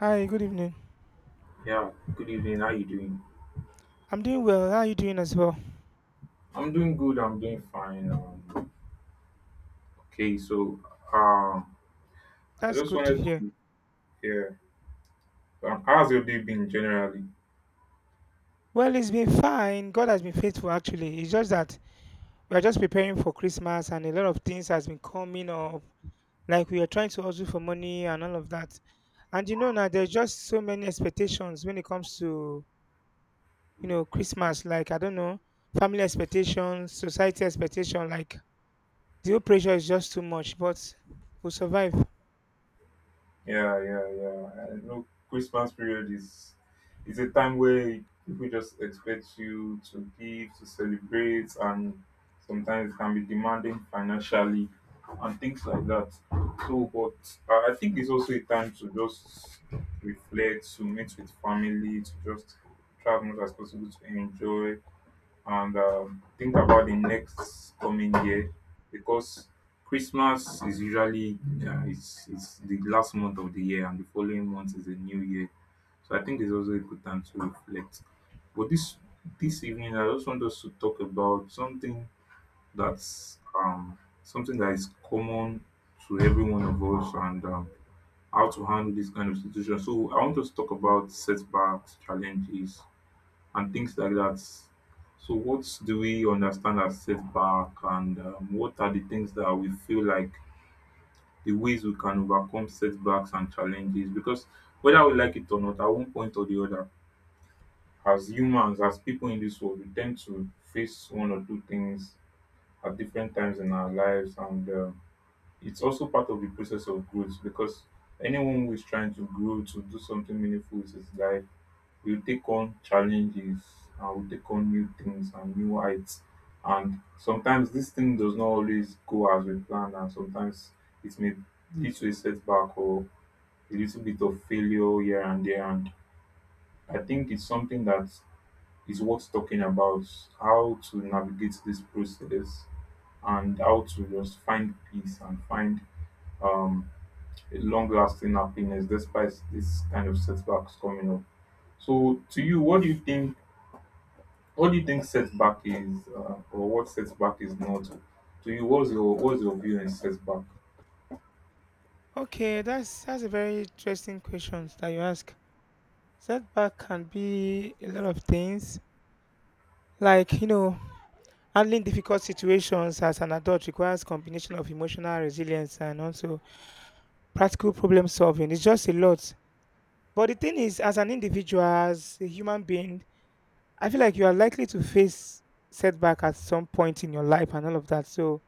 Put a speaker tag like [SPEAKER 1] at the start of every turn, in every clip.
[SPEAKER 1] Hi, good evening.
[SPEAKER 2] Yeah, good evening. How you doing?
[SPEAKER 1] I'm doing well. How are you doing as well?
[SPEAKER 2] I'm doing good. I'm doing fine. Okay, so um, I
[SPEAKER 1] That's
[SPEAKER 2] just
[SPEAKER 1] good to
[SPEAKER 2] wanted
[SPEAKER 1] hear.
[SPEAKER 2] to yeah. How's your day been generally?
[SPEAKER 1] Well, it's been fine. God has been faithful actually. It's just that we are just preparing for Christmas and a lot of things has been coming up. Like we are trying to hustle for money and all of that. And you know now there's just so many expectations when it comes to Christmas. Like I don't know, family expectations, society expectation, like the whole pressure is just too much, but we'll survive.
[SPEAKER 2] Yeah, yeah, yeah. I know Christmas period is a time where people just expect you to give, to celebrate, and sometimes it can be demanding financially and things like that. So, but I think it's also a time to just reflect, to meet with family, to just try as much as possible to enjoy and think about the next coming year because Christmas is usually it's the last month of the year and the following month is a new year. So I think it's also a good time to reflect. But this evening, I just want us to talk about something that's something that is common to every one of us, and how to handle this kind of situation. So I want us to talk about setbacks, challenges, and things like that. So, what do we understand as setback, and what are the things that we feel like the ways we can overcome setbacks and challenges? Because whether we like it or not, at one point or the other, as humans, as people in this world, we tend to face one or two things at different times in our lives, and it's also part of the process of growth because anyone who is trying to grow to do something meaningful with his life we'll take on challenges and we'll take on new things and new heights. And sometimes this thing does not always go as we planned, and sometimes it may lead to a setback or a little bit of failure here and there. And I think it's something that is worth talking about how to navigate this process and how to just find peace and find um, a long-lasting happiness despite this kind of setbacks coming up. So, to you, What do you think setback is, or what setback is not to you? What's your view on setback?
[SPEAKER 1] Okay, that's a very interesting question that you ask. Setback can be a lot of things, like handling difficult situations as an adult requires combination of emotional resilience and also practical problem solving. It's just a lot. But the thing is, as an individual, as a human being, I feel like you are likely to face setback at some point in your life and all of that. So,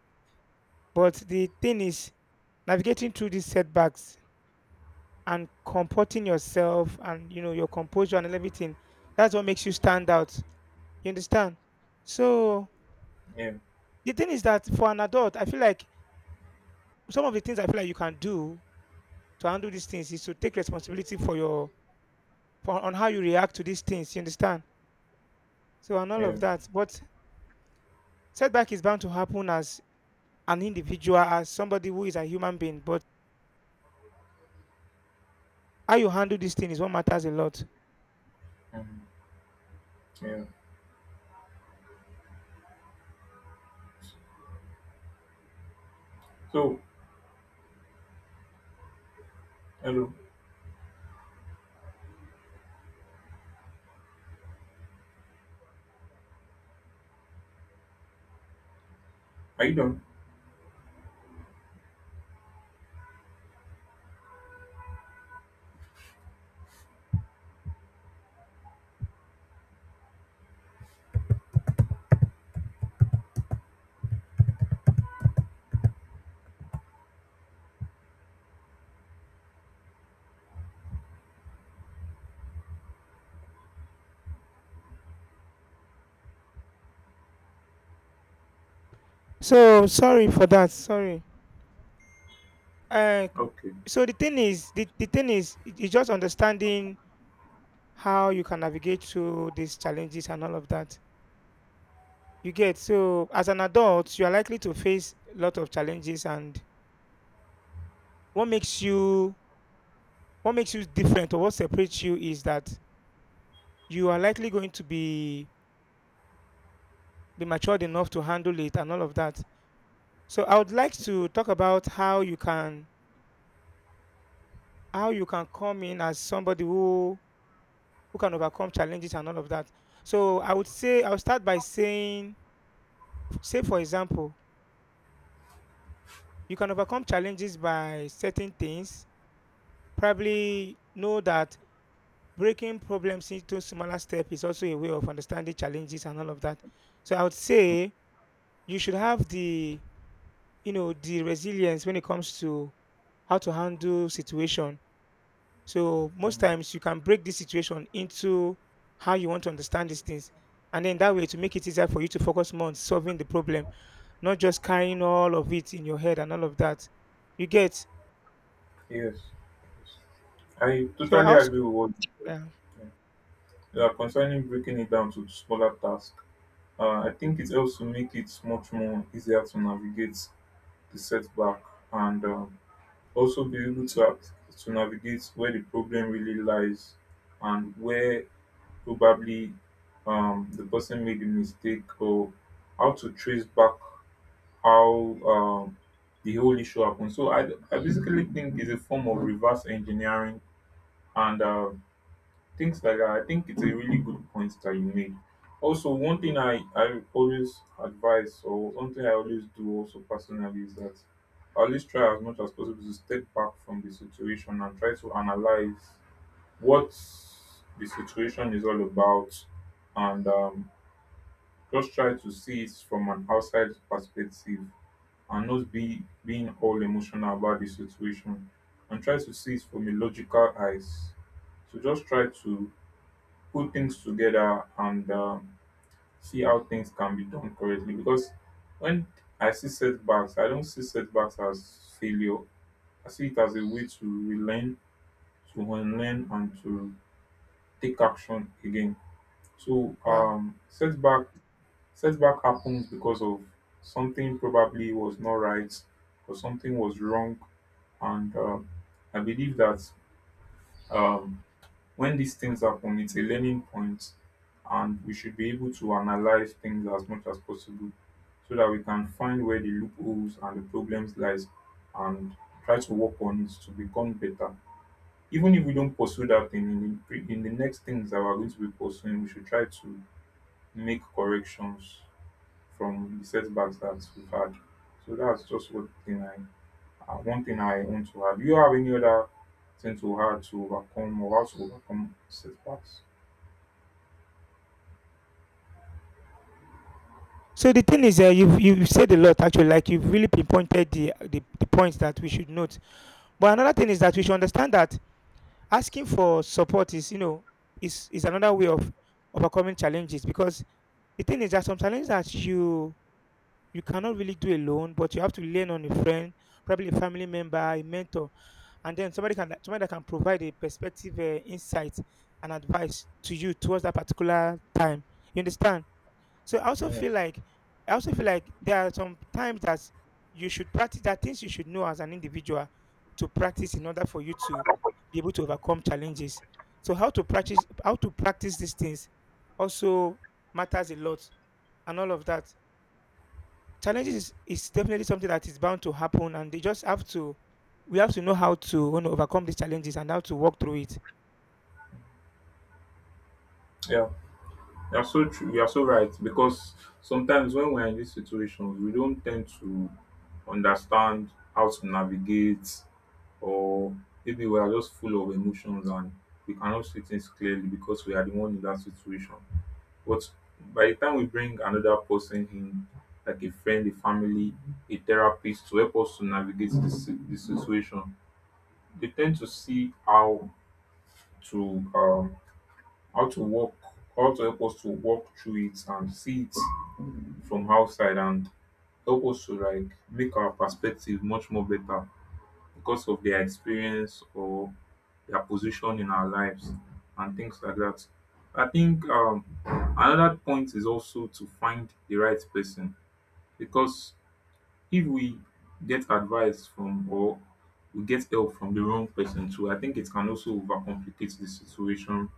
[SPEAKER 1] but the thing is, navigating through these setbacks and comporting yourself and your composure and everything. That's what makes you stand out. You understand? So
[SPEAKER 2] Yeah,
[SPEAKER 1] the thing is that for an adult, I feel like some of the things I feel like you can do to handle these things is to take responsibility for on how you react to these things. You understand? So and all
[SPEAKER 2] yeah,
[SPEAKER 1] of that. But setback is bound to happen as an individual, as somebody who is a human being. But how you handle this thing is what matters a lot.
[SPEAKER 2] mm, yeah. So, hello, are you done?
[SPEAKER 1] So sorry for that. Sorry. Uh,
[SPEAKER 2] Okay.
[SPEAKER 1] so the thing is, the thing is, it's just understanding how you can navigate through these challenges and all of that. You get. So as an adult, you are likely to face a lot of challenges, and what makes you what makes you different or what separates you is that you are likely going to be matured enough to handle it and all of that. So I would like to talk about how you can come in as somebody who can overcome challenges and all of that. So I would say I'll start by saying, say for example, you can overcome challenges by certain things. Probably know that breaking problems into smaller steps is also a way of understanding challenges and all of that. So I would say you should have the you know the resilience when it comes to how to handle situation. So most
[SPEAKER 2] Mm,
[SPEAKER 1] times you can break this situation into how you want to understand these things. And then that way to make it easier for you to focus more on solving the problem, not just carrying all of it in your head and all of that. You get.
[SPEAKER 2] yes, yes. I
[SPEAKER 1] So I
[SPEAKER 2] totally
[SPEAKER 1] also.
[SPEAKER 2] agree with what
[SPEAKER 1] Yeah.
[SPEAKER 2] you are concerning breaking it down to smaller tasks. I think it helps to make it much more easier to navigate the setback, and also be able to act, to navigate where the problem really lies and where probably the person made a mistake, or how to trace back how um, the whole issue happened. So I basically think it's a form of reverse engineering, and things like that. I think it's a really good point that you made. Also, one thing I always advise, or one thing I always do also personally, is that I always try as much as possible to step back from the situation and try to analyze what the situation is all about, and just try to see it from an outside perspective and not be being all emotional about the situation, and try to see it from a logical eyes, so just try to put things together, and see how things can be done correctly. Because when I see setbacks, I don't see setbacks as failure. I see it as a way to relearn, to unlearn, and to take action again. So
[SPEAKER 1] Wow.
[SPEAKER 2] setback setback happens because of something probably was not right or something was wrong, and I believe that um, when these things happen, it's a learning point, and we should be able to analyze things as much as possible, so that we can find where the loopholes and the problems lies, and try to work on it to become better. Even if we don't pursue that thing in in the next things that we're going to be pursuing, we should try to make corrections from the setbacks that we've had. So that's just what thing I one thing I want to add. Do you have any other thing to add to overcome or how to overcome setbacks?
[SPEAKER 1] So the thing is, you've said a lot actually. Like you've really pinpointed the points that we should note. But another thing is that we should understand that asking for support is you know is another way of overcoming challenges, because the thing is that some challenges that you cannot really do alone, but you have to lean on a friend, probably a family member, a mentor, and then somebody that can provide a perspective, insight, and advice to you towards that particular time. You understand? So I also
[SPEAKER 2] Yeah.
[SPEAKER 1] feel like there are some times that you should practice. There are things you should know as an individual to practice in order for you to be able to overcome challenges. So how to practice these things also matters a lot and all of that. Challenges is definitely something that is bound to happen, and they just have to we have to know how to overcome these challenges and how to work through it.
[SPEAKER 2] Yeah, you are so true. You are so right. Because sometimes when we're in these situations, we don't tend to understand how to navigate, or maybe we are just full of emotions and we cannot see things clearly because we are the one in that situation. But by the time we bring another person in, like a friend, a family, a therapist to help us to navigate this situation, they tend to see how to how to work, how to help us to walk through it and see it from outside, and help us to like make our perspective much more better because of their experience or their position in our lives and things like that. I think another point is also to find the right person, because if we get advice from or we get help from the wrong person too, I think it can also overcomplicate the situation,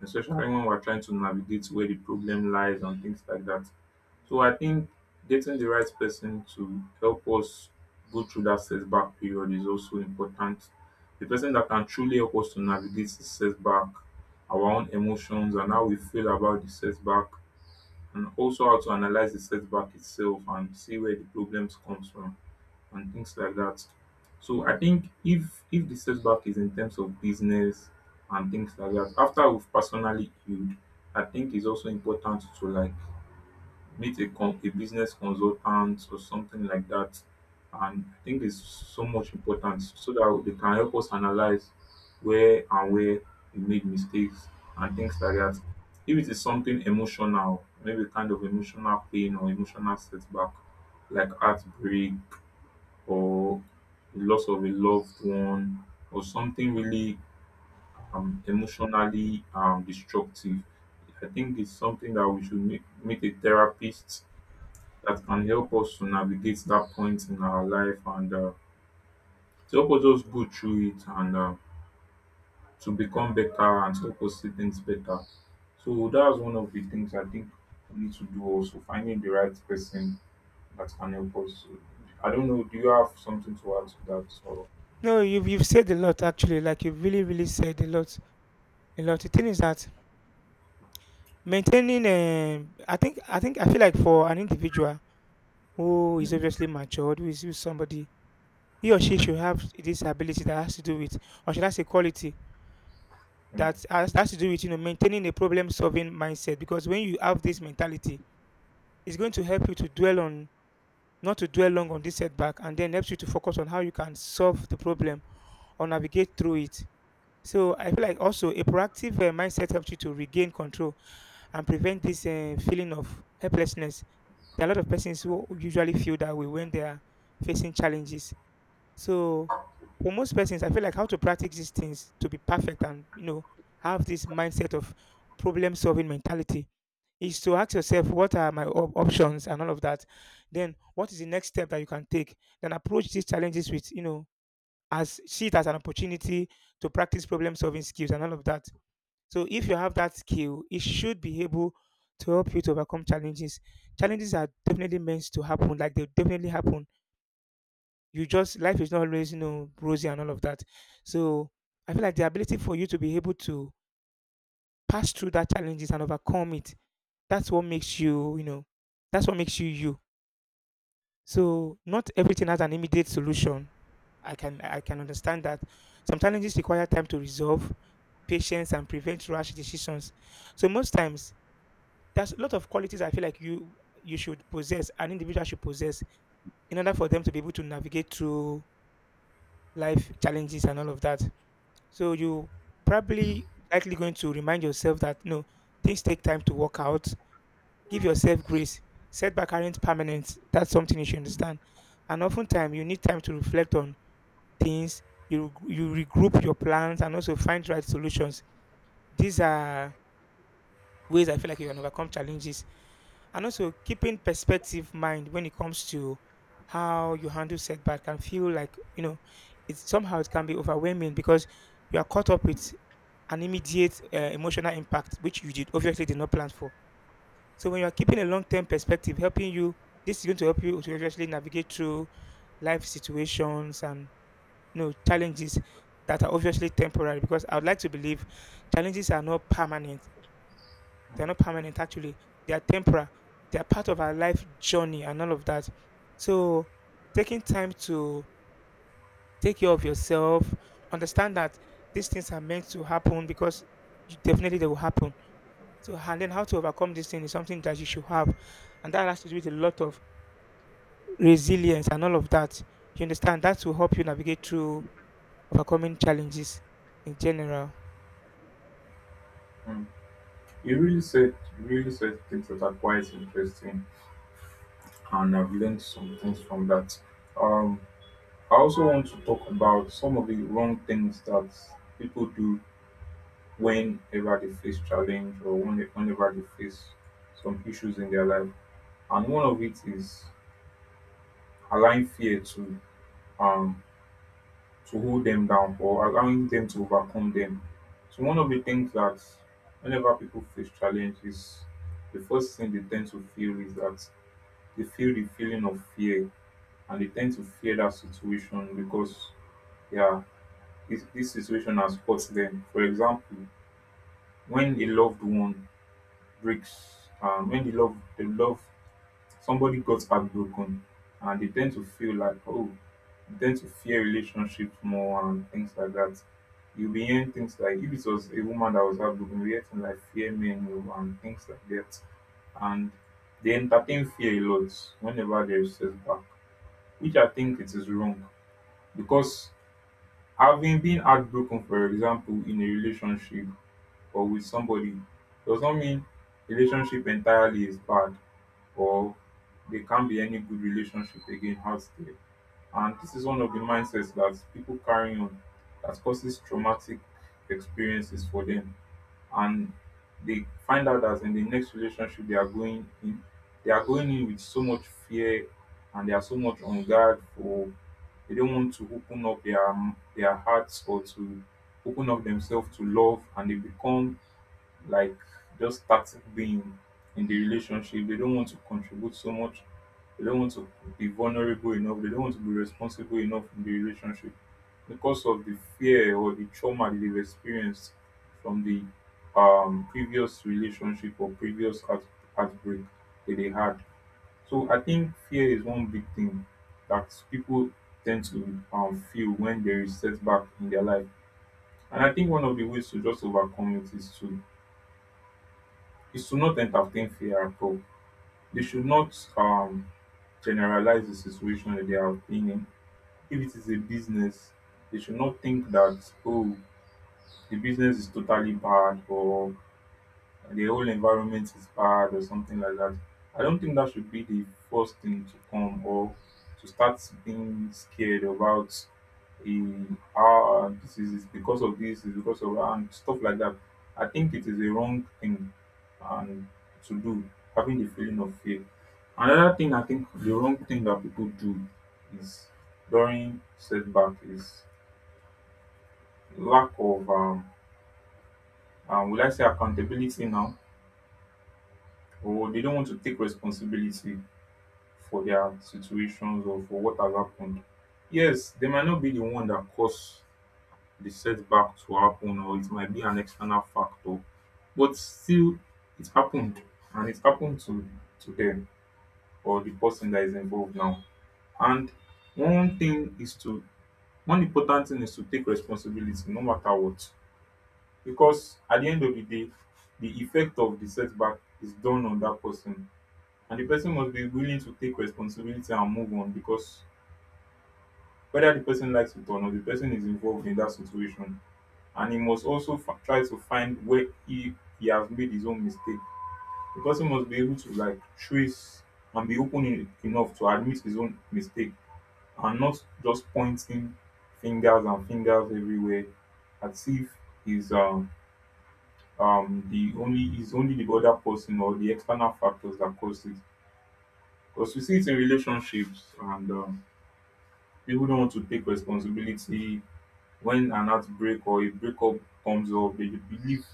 [SPEAKER 2] especially when we're trying to navigate where the problem lies and things like that. So I think getting the right person to help us go through that setback period is also important. The person that can truly help us to navigate the setback, our own emotions and how we feel about the setback, and also how to analyze the setback itself and see where the problems comes from and things like that. So I think if the setback is in terms of business and things like that, after we've personally healed, I think it's also important to like meet a, con- a business consultant or something like that. And I think it's so much important so that they can help us analyze where we made mistakes and things like that. If it is something emotional, maybe kind of emotional pain or emotional setback, like heartbreak, or the loss of a loved one, or something really emotionally destructive, I think it's something that we should meet a therapist that can help us to navigate that point in our life, and to help us just go through it, and to become better and to help us see things better. So that's one of the things I think we need to do, also finding the right person that can help us. I don't know. Do you have something to add to that? Or
[SPEAKER 1] No, you've
[SPEAKER 2] we
[SPEAKER 1] you've
[SPEAKER 2] should.
[SPEAKER 1] said a lot actually, like you've really, really said a lot. A lot. The thing is that I feel like for an individual who is
[SPEAKER 2] Mm,
[SPEAKER 1] obviously matured, who is somebody, he or she should have this ability that has to do with, or should I say, quality
[SPEAKER 2] mm,
[SPEAKER 1] that has to do with, maintaining a problem-solving mindset. Because when you have this mentality, it's going to help you to dwell on, not to dwell long on this setback, and then helps you to focus on how you can solve the problem or navigate through it. So I feel like also a proactive mindset helps you to regain control and prevent this feeling of helplessness. There are a lot of persons who usually feel that way when they are facing challenges. So for most persons, I feel like how to practice these things to be perfect and have this mindset of problem solving mentality is to ask yourself what are my options and all of that. Then what is the next step that you can take? Then approach these challenges with you know as see it as an opportunity to practice problem solving skills and all of that. So if you have that skill, it should be able to help you to overcome challenges. Challenges are definitely meant to happen, like they definitely happen. You just Life is not always rosy and all of that. So I feel like the ability for you to be able to pass through that challenges and overcome it, that's what makes you, that's what makes you you. So not everything has an immediate solution. I can understand that. Some challenges require time to resolve, patience, and prevent rash decisions. So most times there's a lot of qualities I feel like you should possess, an individual should possess, in order for them to be able to navigate through life challenges and all of that. So you probably likely going to remind yourself that no, things take time to work out. Give yourself grace. Setback aren't permanent. That's something you should understand. And oftentimes you need time to reflect on things. You regroup your plans and also find right solutions. These are ways I feel like you can overcome challenges. And also keeping perspective mind when it comes to how you handle setback can feel like, it's somehow, it can be overwhelming because you are caught up with an immediate emotional impact, which you did obviously did not plan for. So when you are keeping a long-term perspective, helping you, this is going to help you to obviously navigate through life situations and challenges that are obviously temporary. Because I would like to believe challenges are not permanent, they're not permanent actually. They are temporal. They are part of our life journey and all of that. So taking time to take care of yourself, understand that these things are meant to happen because definitely they will happen. So and then how to overcome this thing is something that you should have. And that has to do with a lot of resilience and all of that. You understand? That will help you navigate through overcoming challenges in general.
[SPEAKER 2] mm. You really said things that are quite interesting, and I've learned some things from that. Um, I also want to talk about some of the wrong things that people do whenever they face challenge, or whenever they face some issues in their life. And one of it is allowing fear um to hold them down, or allowing them to overcome them. So one of the things that whenever people face challenge is the first thing they tend to feel is that they feel the feeling of fear, and they tend to fear that situation because yeah, this situation has caught them. For example, when a loved one breaks, when the love, somebody got heartbroken, and they tend to feel like, oh, they tend to fear relationships more and things like that. You'll be hearing things like, if it was a woman that was heartbroken, you'll hear things like fear men more and things like that. And they entertain fear a lot whenever there is setback, which I think it is wrong, because having been heartbroken, for example, in a relationship or with somebody does not mean relationship entirely is bad, or there can't be any good relationship again out there. And this is one of the mindsets that people carry on that causes traumatic experiences for them. And they find out that in the next relationship they are going in, they are going in with so much fear, and they are so much on guard for they don't want to open up their hearts, or to open up themselves to love, and they become like just starting being in the relationship. They don't want to contribute so much. They don't want to be vulnerable enough. They don't want to be responsible enough in the relationship because of the fear or the trauma that they've experienced from the previous relationship or previous heartbreak that they had. So I think fear is one big thing that people tend to feel when there is setback in their life. And I think one of the ways to just overcome it is to it should not entertain fear at all. They should not generalize the situation that they are been in. If it is a business, they should not think that, oh, the business is totally bad, or the whole environment is bad or something like that. I don't think that should be the first thing to come or to start being scared about in ah this is it's because of this is because of that and stuff like that. I think it is a wrong thing and to do having the feeling of fear. Another thing I think the wrong thing that people do is during setback is lack of will I say accountability now, or they don't want to take responsibility for their situations or for what has happened. Yes, they might not be the one that caused the setback to happen, or it might be an external factor, but still, it happened, and it happened to them or the person that is involved now. And one thing is to one important thing is to take responsibility, no matter what, because at the end of the day, the effect of the setback is done on that person, and the person must be willing to take responsibility and move on because whether the person likes it or not, the person is involved in that situation, and he must also try to find where he has made his own mistake. The person must be able to like trace and be enough to admit his own mistake and not just pointing fingers everywhere as if he's the only is only the other person or the external factors that caused it, because we see it in relationships, and people don't want to take responsibility. When an heartbreak or a breakup comes up, they believe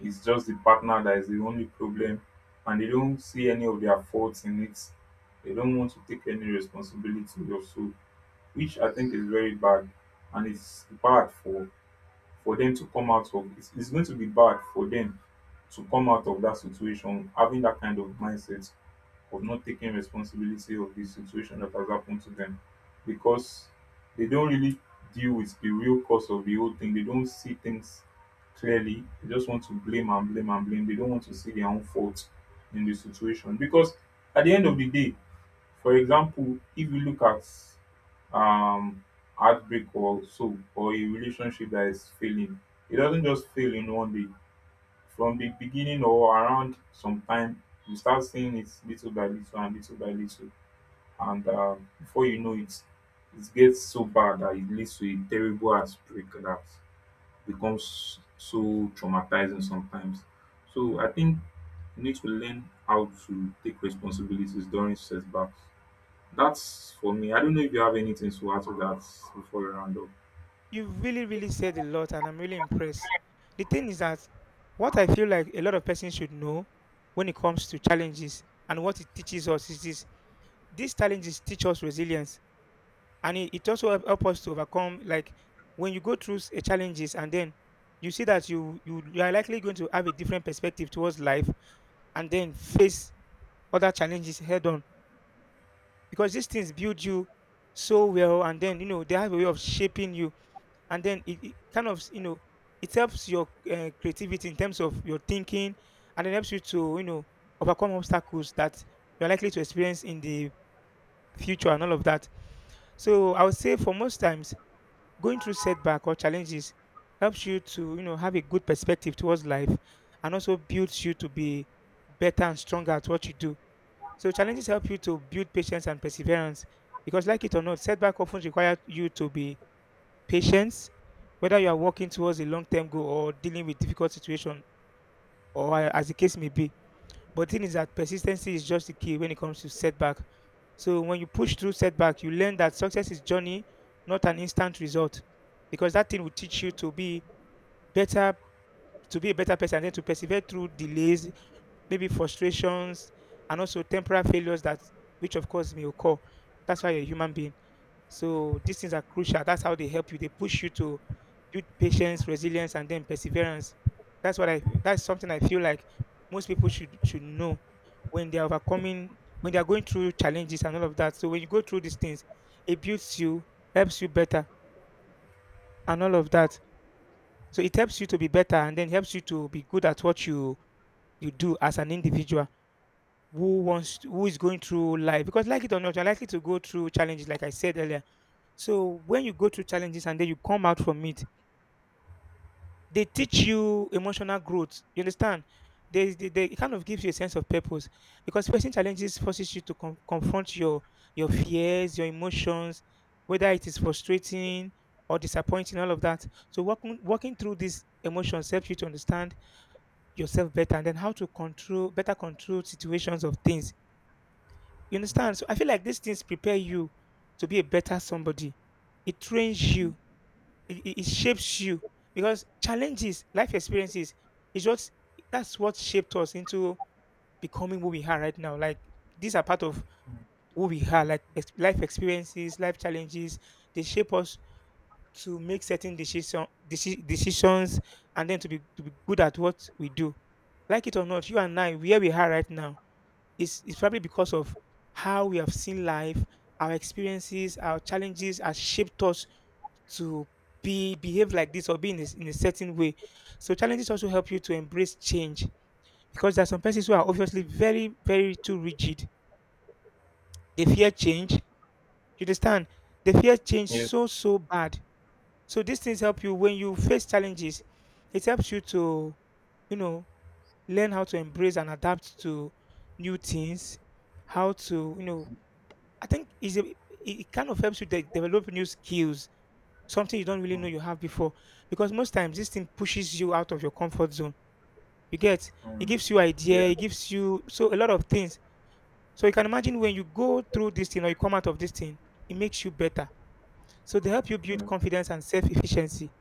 [SPEAKER 2] it's just the partner that is the only problem, and they don't see any of their faults in it. They don't want to take any responsibility also, which I think is very bad, and it's bad for them to come it's going to be bad for them to come out of that situation having that kind of mindset of not taking responsibility of the situation that has happened to them, because they don't really deal with the real cause of the whole thing. They don't see things clearly. They just want to blame and blame and blame. They don't want to see their own fault in the situation because at the end of the day, for example, if you look at um heartbreak or so, or a relationship that is failing, it doesn't just fail in one day. From the beginning or around some time, you start seeing it little by little and little by little, and before you know it, it gets so bad that it leads to a terrible heartbreak that becomes so traumatizing sometimes. So I think you need to learn how to take responsibilities during setbacks. That's for me. I don't know if you have anything to add to that before we round up.
[SPEAKER 1] You really, really said a lot, and I'm really impressed. The thing is that what I feel like a lot of persons should know when it comes to challenges and what it teaches us is this: these challenges teach us resilience, and it also help us to overcome. Like when you go through a challenges, and then you see that you are likely going to have a different perspective towards life, and then face other challenges head on, because these things build you so well, and then they have a way of shaping you. And then it kind of, it helps your creativity in terms of your thinking, and it helps you to overcome obstacles that you're likely to experience in the future and all of that. So I would say for most times, going through setback or challenges helps you to have a good perspective towards life, and also builds you to be better and stronger at what you do. So challenges help you to build patience and perseverance, because like it or not, setback often require you to be patience, whether you are working towards a long term goal or dealing with difficult situation, or as the case may be. But thing is that persistency is just the key when it comes to setback. So when you push through setback, you learn that success is journey, not an instant result, because that thing will teach you to be better, to be a better person, and then to persevere through delays, maybe frustrations, and also temporary failures that which of course may occur. That's why you're a human being. So these things are crucial. That's how they help you. They push you to build patience, resilience, and then perseverance. That's what I. That's something I feel like most people should know when they are overcoming, when they are going through challenges and all of that. So when you go through these things, it builds you, helps you better, and all of that. So it helps you to be better, and then helps you to be good at what you do as an individual who is going through life, because like it or not, you're likely to go through challenges, like I said earlier. So when you go through challenges and then you come out from it, they teach you emotional growth. You understand? They it kind of gives you a sense of purpose, because facing challenges forces you to confront your fears, your emotions, whether it is frustrating or disappointing, all of that. So walking through these emotions helps you to understand yourself better, and then how to control better control situations of things. You understand? So I feel like these things prepare you to be a better somebody. It trains you. It shapes you, because challenges, life experiences is what that's what shaped us into becoming who we are right now. Like these are part of who we are. Like life experiences, life challenges, they shape us to make certain decisions, and then to be good at what we do. Like it or not, you and I, where we are right now, is probably because of how we have seen life, our experiences, our challenges have shaped us to be behave like this or be in a certain way. So challenges also help you to embrace change, because there are some persons who are obviously very, very too rigid. They
[SPEAKER 2] Mm.
[SPEAKER 1] fear change. You understand? They fear change
[SPEAKER 2] Yeah.
[SPEAKER 1] so bad. So these things help you when you face challenges. It helps you to, you know, learn how to embrace and adapt to new things. How to, you know, I think is a, it kind of helps you develop new skills, something you don't really
[SPEAKER 2] Mm.
[SPEAKER 1] know you have before. Because most times this thing pushes you out of your comfort zone. You get it
[SPEAKER 2] Mm.
[SPEAKER 1] gives you idea,
[SPEAKER 2] Yeah.
[SPEAKER 1] it gives you so a lot of things. So you can imagine when you go through this thing or you come out of this thing, it makes you better. So they help you build
[SPEAKER 2] Yeah.
[SPEAKER 1] confidence and self-efficiency.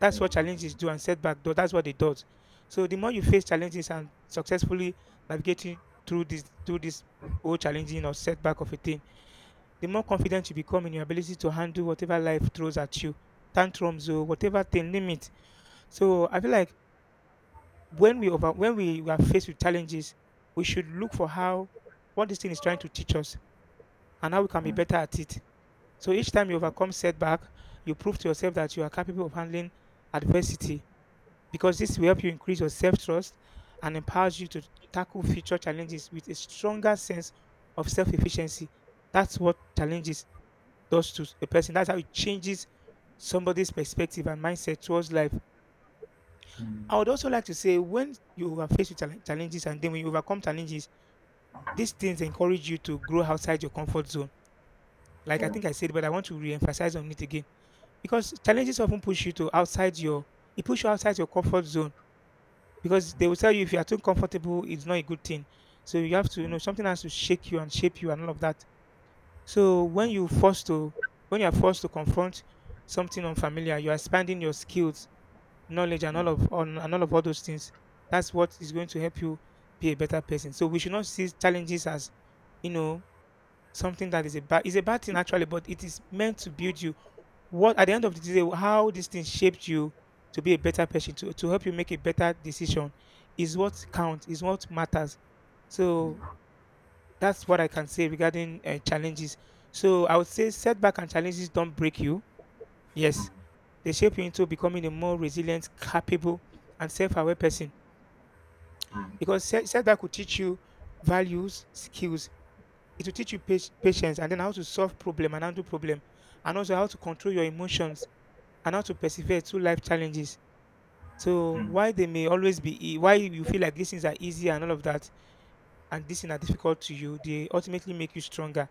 [SPEAKER 1] That's what
[SPEAKER 2] Yeah.
[SPEAKER 1] challenges do and setback do. That's what it does. So the more you face challenges and successfully navigating through this whole challenging or setback of a thing, the more confident you become in your ability to handle whatever life throws at you, tantrums or whatever thing limit. So I feel like when we are faced with challenges, we should look for how what this thing is trying to teach us and how we can be
[SPEAKER 2] Mm.
[SPEAKER 1] better at it. So each time you overcome setback, you prove to yourself that you are capable of handling adversity, because this will help you increase your self-trust and empowers you to tackle future challenges with a stronger sense of self-efficiency. That's what challenges does to a person. That's how it changes somebody's perspective and mindset towards life.
[SPEAKER 2] Mm.
[SPEAKER 1] I would also like to say when you are faced with challenges, and then when you overcome challenges, these things encourage you to grow outside your comfort zone. Like I
[SPEAKER 2] Yeah.
[SPEAKER 1] think I said, but I want to re-emphasize on it again, because challenges often push you to outside your it push you outside your comfort zone, because they will tell you if you are too comfortable, it's not a good thing. So you have to, you
[SPEAKER 2] Mm.
[SPEAKER 1] know, something has to shake you and shape you and all of that. So
[SPEAKER 2] Mm. Mm.
[SPEAKER 1] when you are forced to confront something unfamiliar, you are expanding your skills, knowledge, and all of all those things. That's what is going to help you be a better person. So we should not see challenges as, you know, something that is a bad thing actually, but it is meant to build you. What at the end of the day, how this thing shaped you to be a better person, to help you make a better decision, is what matters. So that's what I can say regarding challenges. So I would say setback and challenges don't break you.
[SPEAKER 2] Mm.
[SPEAKER 1] Yes, they shape you into becoming a more resilient, capable, and self-aware person.
[SPEAKER 2] Mm, mm,
[SPEAKER 1] Because setback will teach you values, skills. It will teach you patience, and then how to solve problem and handle problem, and also how to control your emotions and how to persevere through life challenges. So
[SPEAKER 2] mm.
[SPEAKER 1] why they may always be, why you feel like these things are easy and all of that, and these things are difficult to you, they ultimately make you stronger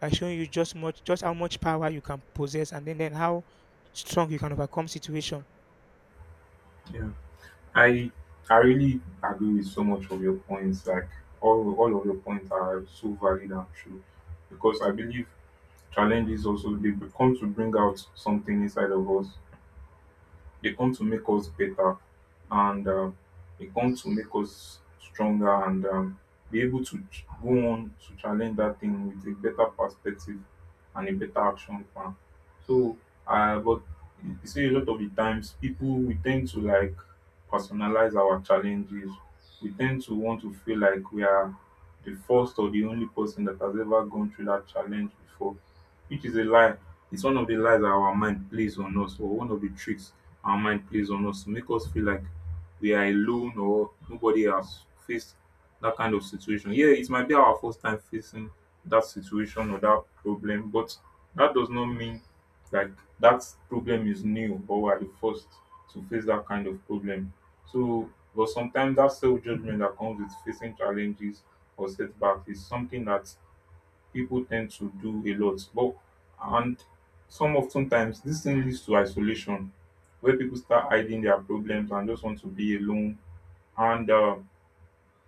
[SPEAKER 1] by showing you just how much power you can possess, and then how strong you can overcome situation.
[SPEAKER 2] Yeah, I I really agree with so much of your points. Like all of your points are so valid and true, because I believe challenges also, they come to bring out something inside of us. They come to make us better, and they come to make us stronger and be able to go on to challenge that thing with a better perspective and a better action plan. So, but you see, a lot of the times people, we tend to like personalize our challenges. We tend to want to feel like we are the first or the only person that has ever gone through that challenge before, which is a lie. It's one of the lies that our mind plays on us, or one of the tricks our mind plays on us to make us feel like we are alone or nobody has faced that kind of situation. Yeah, it might be our first time facing that situation or that problem, but that does not mean like that problem is new or we are the first to face that kind of problem. So, but sometimes that self judgment that comes with facing challenges or setbacks is something that people tend to do a lot. But and sometimes this thing leads to isolation, where people start hiding their problems and just want to be alone. And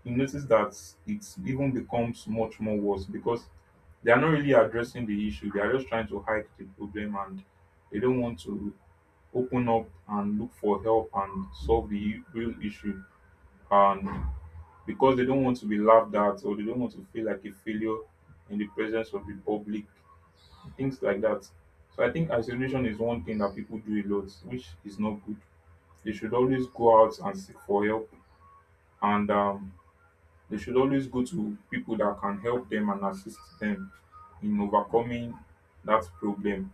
[SPEAKER 2] you notice that it even becomes much more worse because they are not really addressing the issue. They are just trying to hide the problem, and they don't want to open up and look for help and solve the real issue. And because they don't want to be laughed at or they don't want to feel like a failure in the presence of the public, things like that. So I think isolation is one thing that people do a lot, which is not good. They should always go out and seek for help, and they should always go to people that can help them and assist them in overcoming that problem.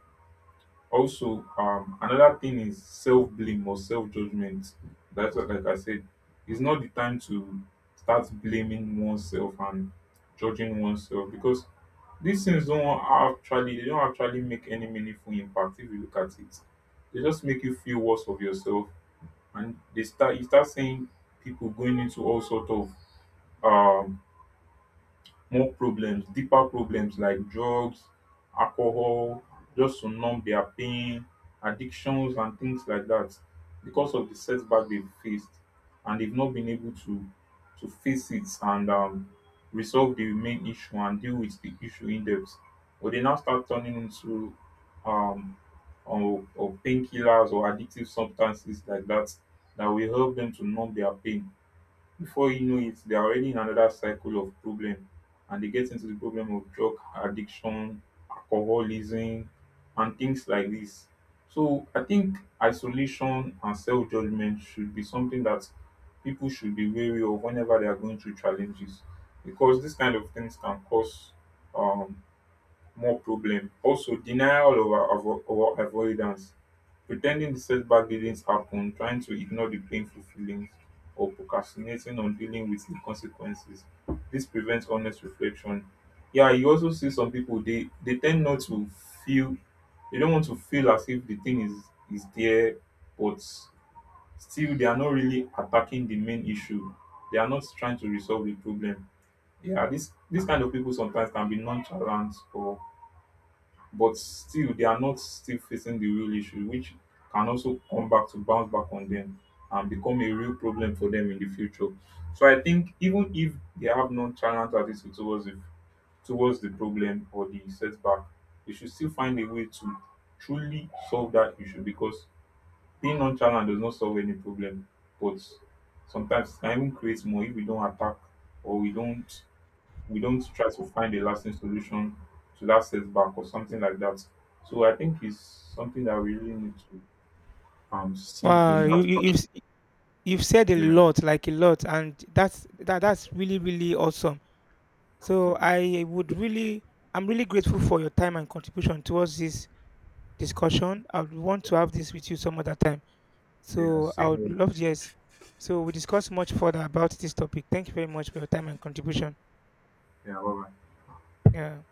[SPEAKER 2] Also, another thing is self blame or self judgment. That's what, like I said, it's not the time to start blaming oneself and judging oneself, because these things don't actually they don't actually make any meaningful impact if you look at it. They just make you feel worse of yourself, and they start you start seeing people going into all sort of um more problems, deeper problems like drugs, alcohol, just to numb their pain, addictions, and things like that, because of the setback they've faced and they've not been able to face it and resolve the main issue and deal with the issue in depth. But they now start turning into um, or painkillers or addictive substances like that, that will help them to numb their pain. Before you know it, they are already in another cycle of problem, and they get into the problem of drug addiction, alcoholism, and things like this. So I think isolation and self judgment should be something that people should be wary of whenever they are going through challenges, because this kind of things can cause um, more problem. Also, denial over over or avoidance. Pretending the setback didn't happen, trying to ignore the painful feelings, or procrastinating on dealing with the consequences. This prevents honest reflection. Yeah, you also see some people, they tend not to feel, they don't want to feel as if the thing is there, but still they are not really attacking the main issue. They are not trying to resolve the problem. Yeah, this kind of people sometimes can be nonchalant, or but still they are not still facing the real issue, which can also come back to bounce back on them and become a real problem for them in the future. So I think even if they have nonchalant attitude towards the problem or the setback, they should still find a way to truly solve that issue, because being nonchalant does not solve any problem, but sometimes it can even create more if we don't try to find a lasting solution to that setback or something like that. So I think it's something that we really need to see
[SPEAKER 1] Wow,
[SPEAKER 2] in that part.
[SPEAKER 1] you've you've said a
[SPEAKER 2] Yeah,
[SPEAKER 1] lot, like a lot, and that's really really awesome.
[SPEAKER 2] yeah,
[SPEAKER 1] So I would really, I'm really grateful for your time and contribution towards this discussion. I would want to have this with you some other time.
[SPEAKER 2] yeah.
[SPEAKER 1] So I
[SPEAKER 2] Same
[SPEAKER 1] would
[SPEAKER 2] here.
[SPEAKER 1] love, yes. So we discuss much further about this topic. Thank you very much for your time and contribution.
[SPEAKER 2] Yeah, bye.
[SPEAKER 1] Yeah.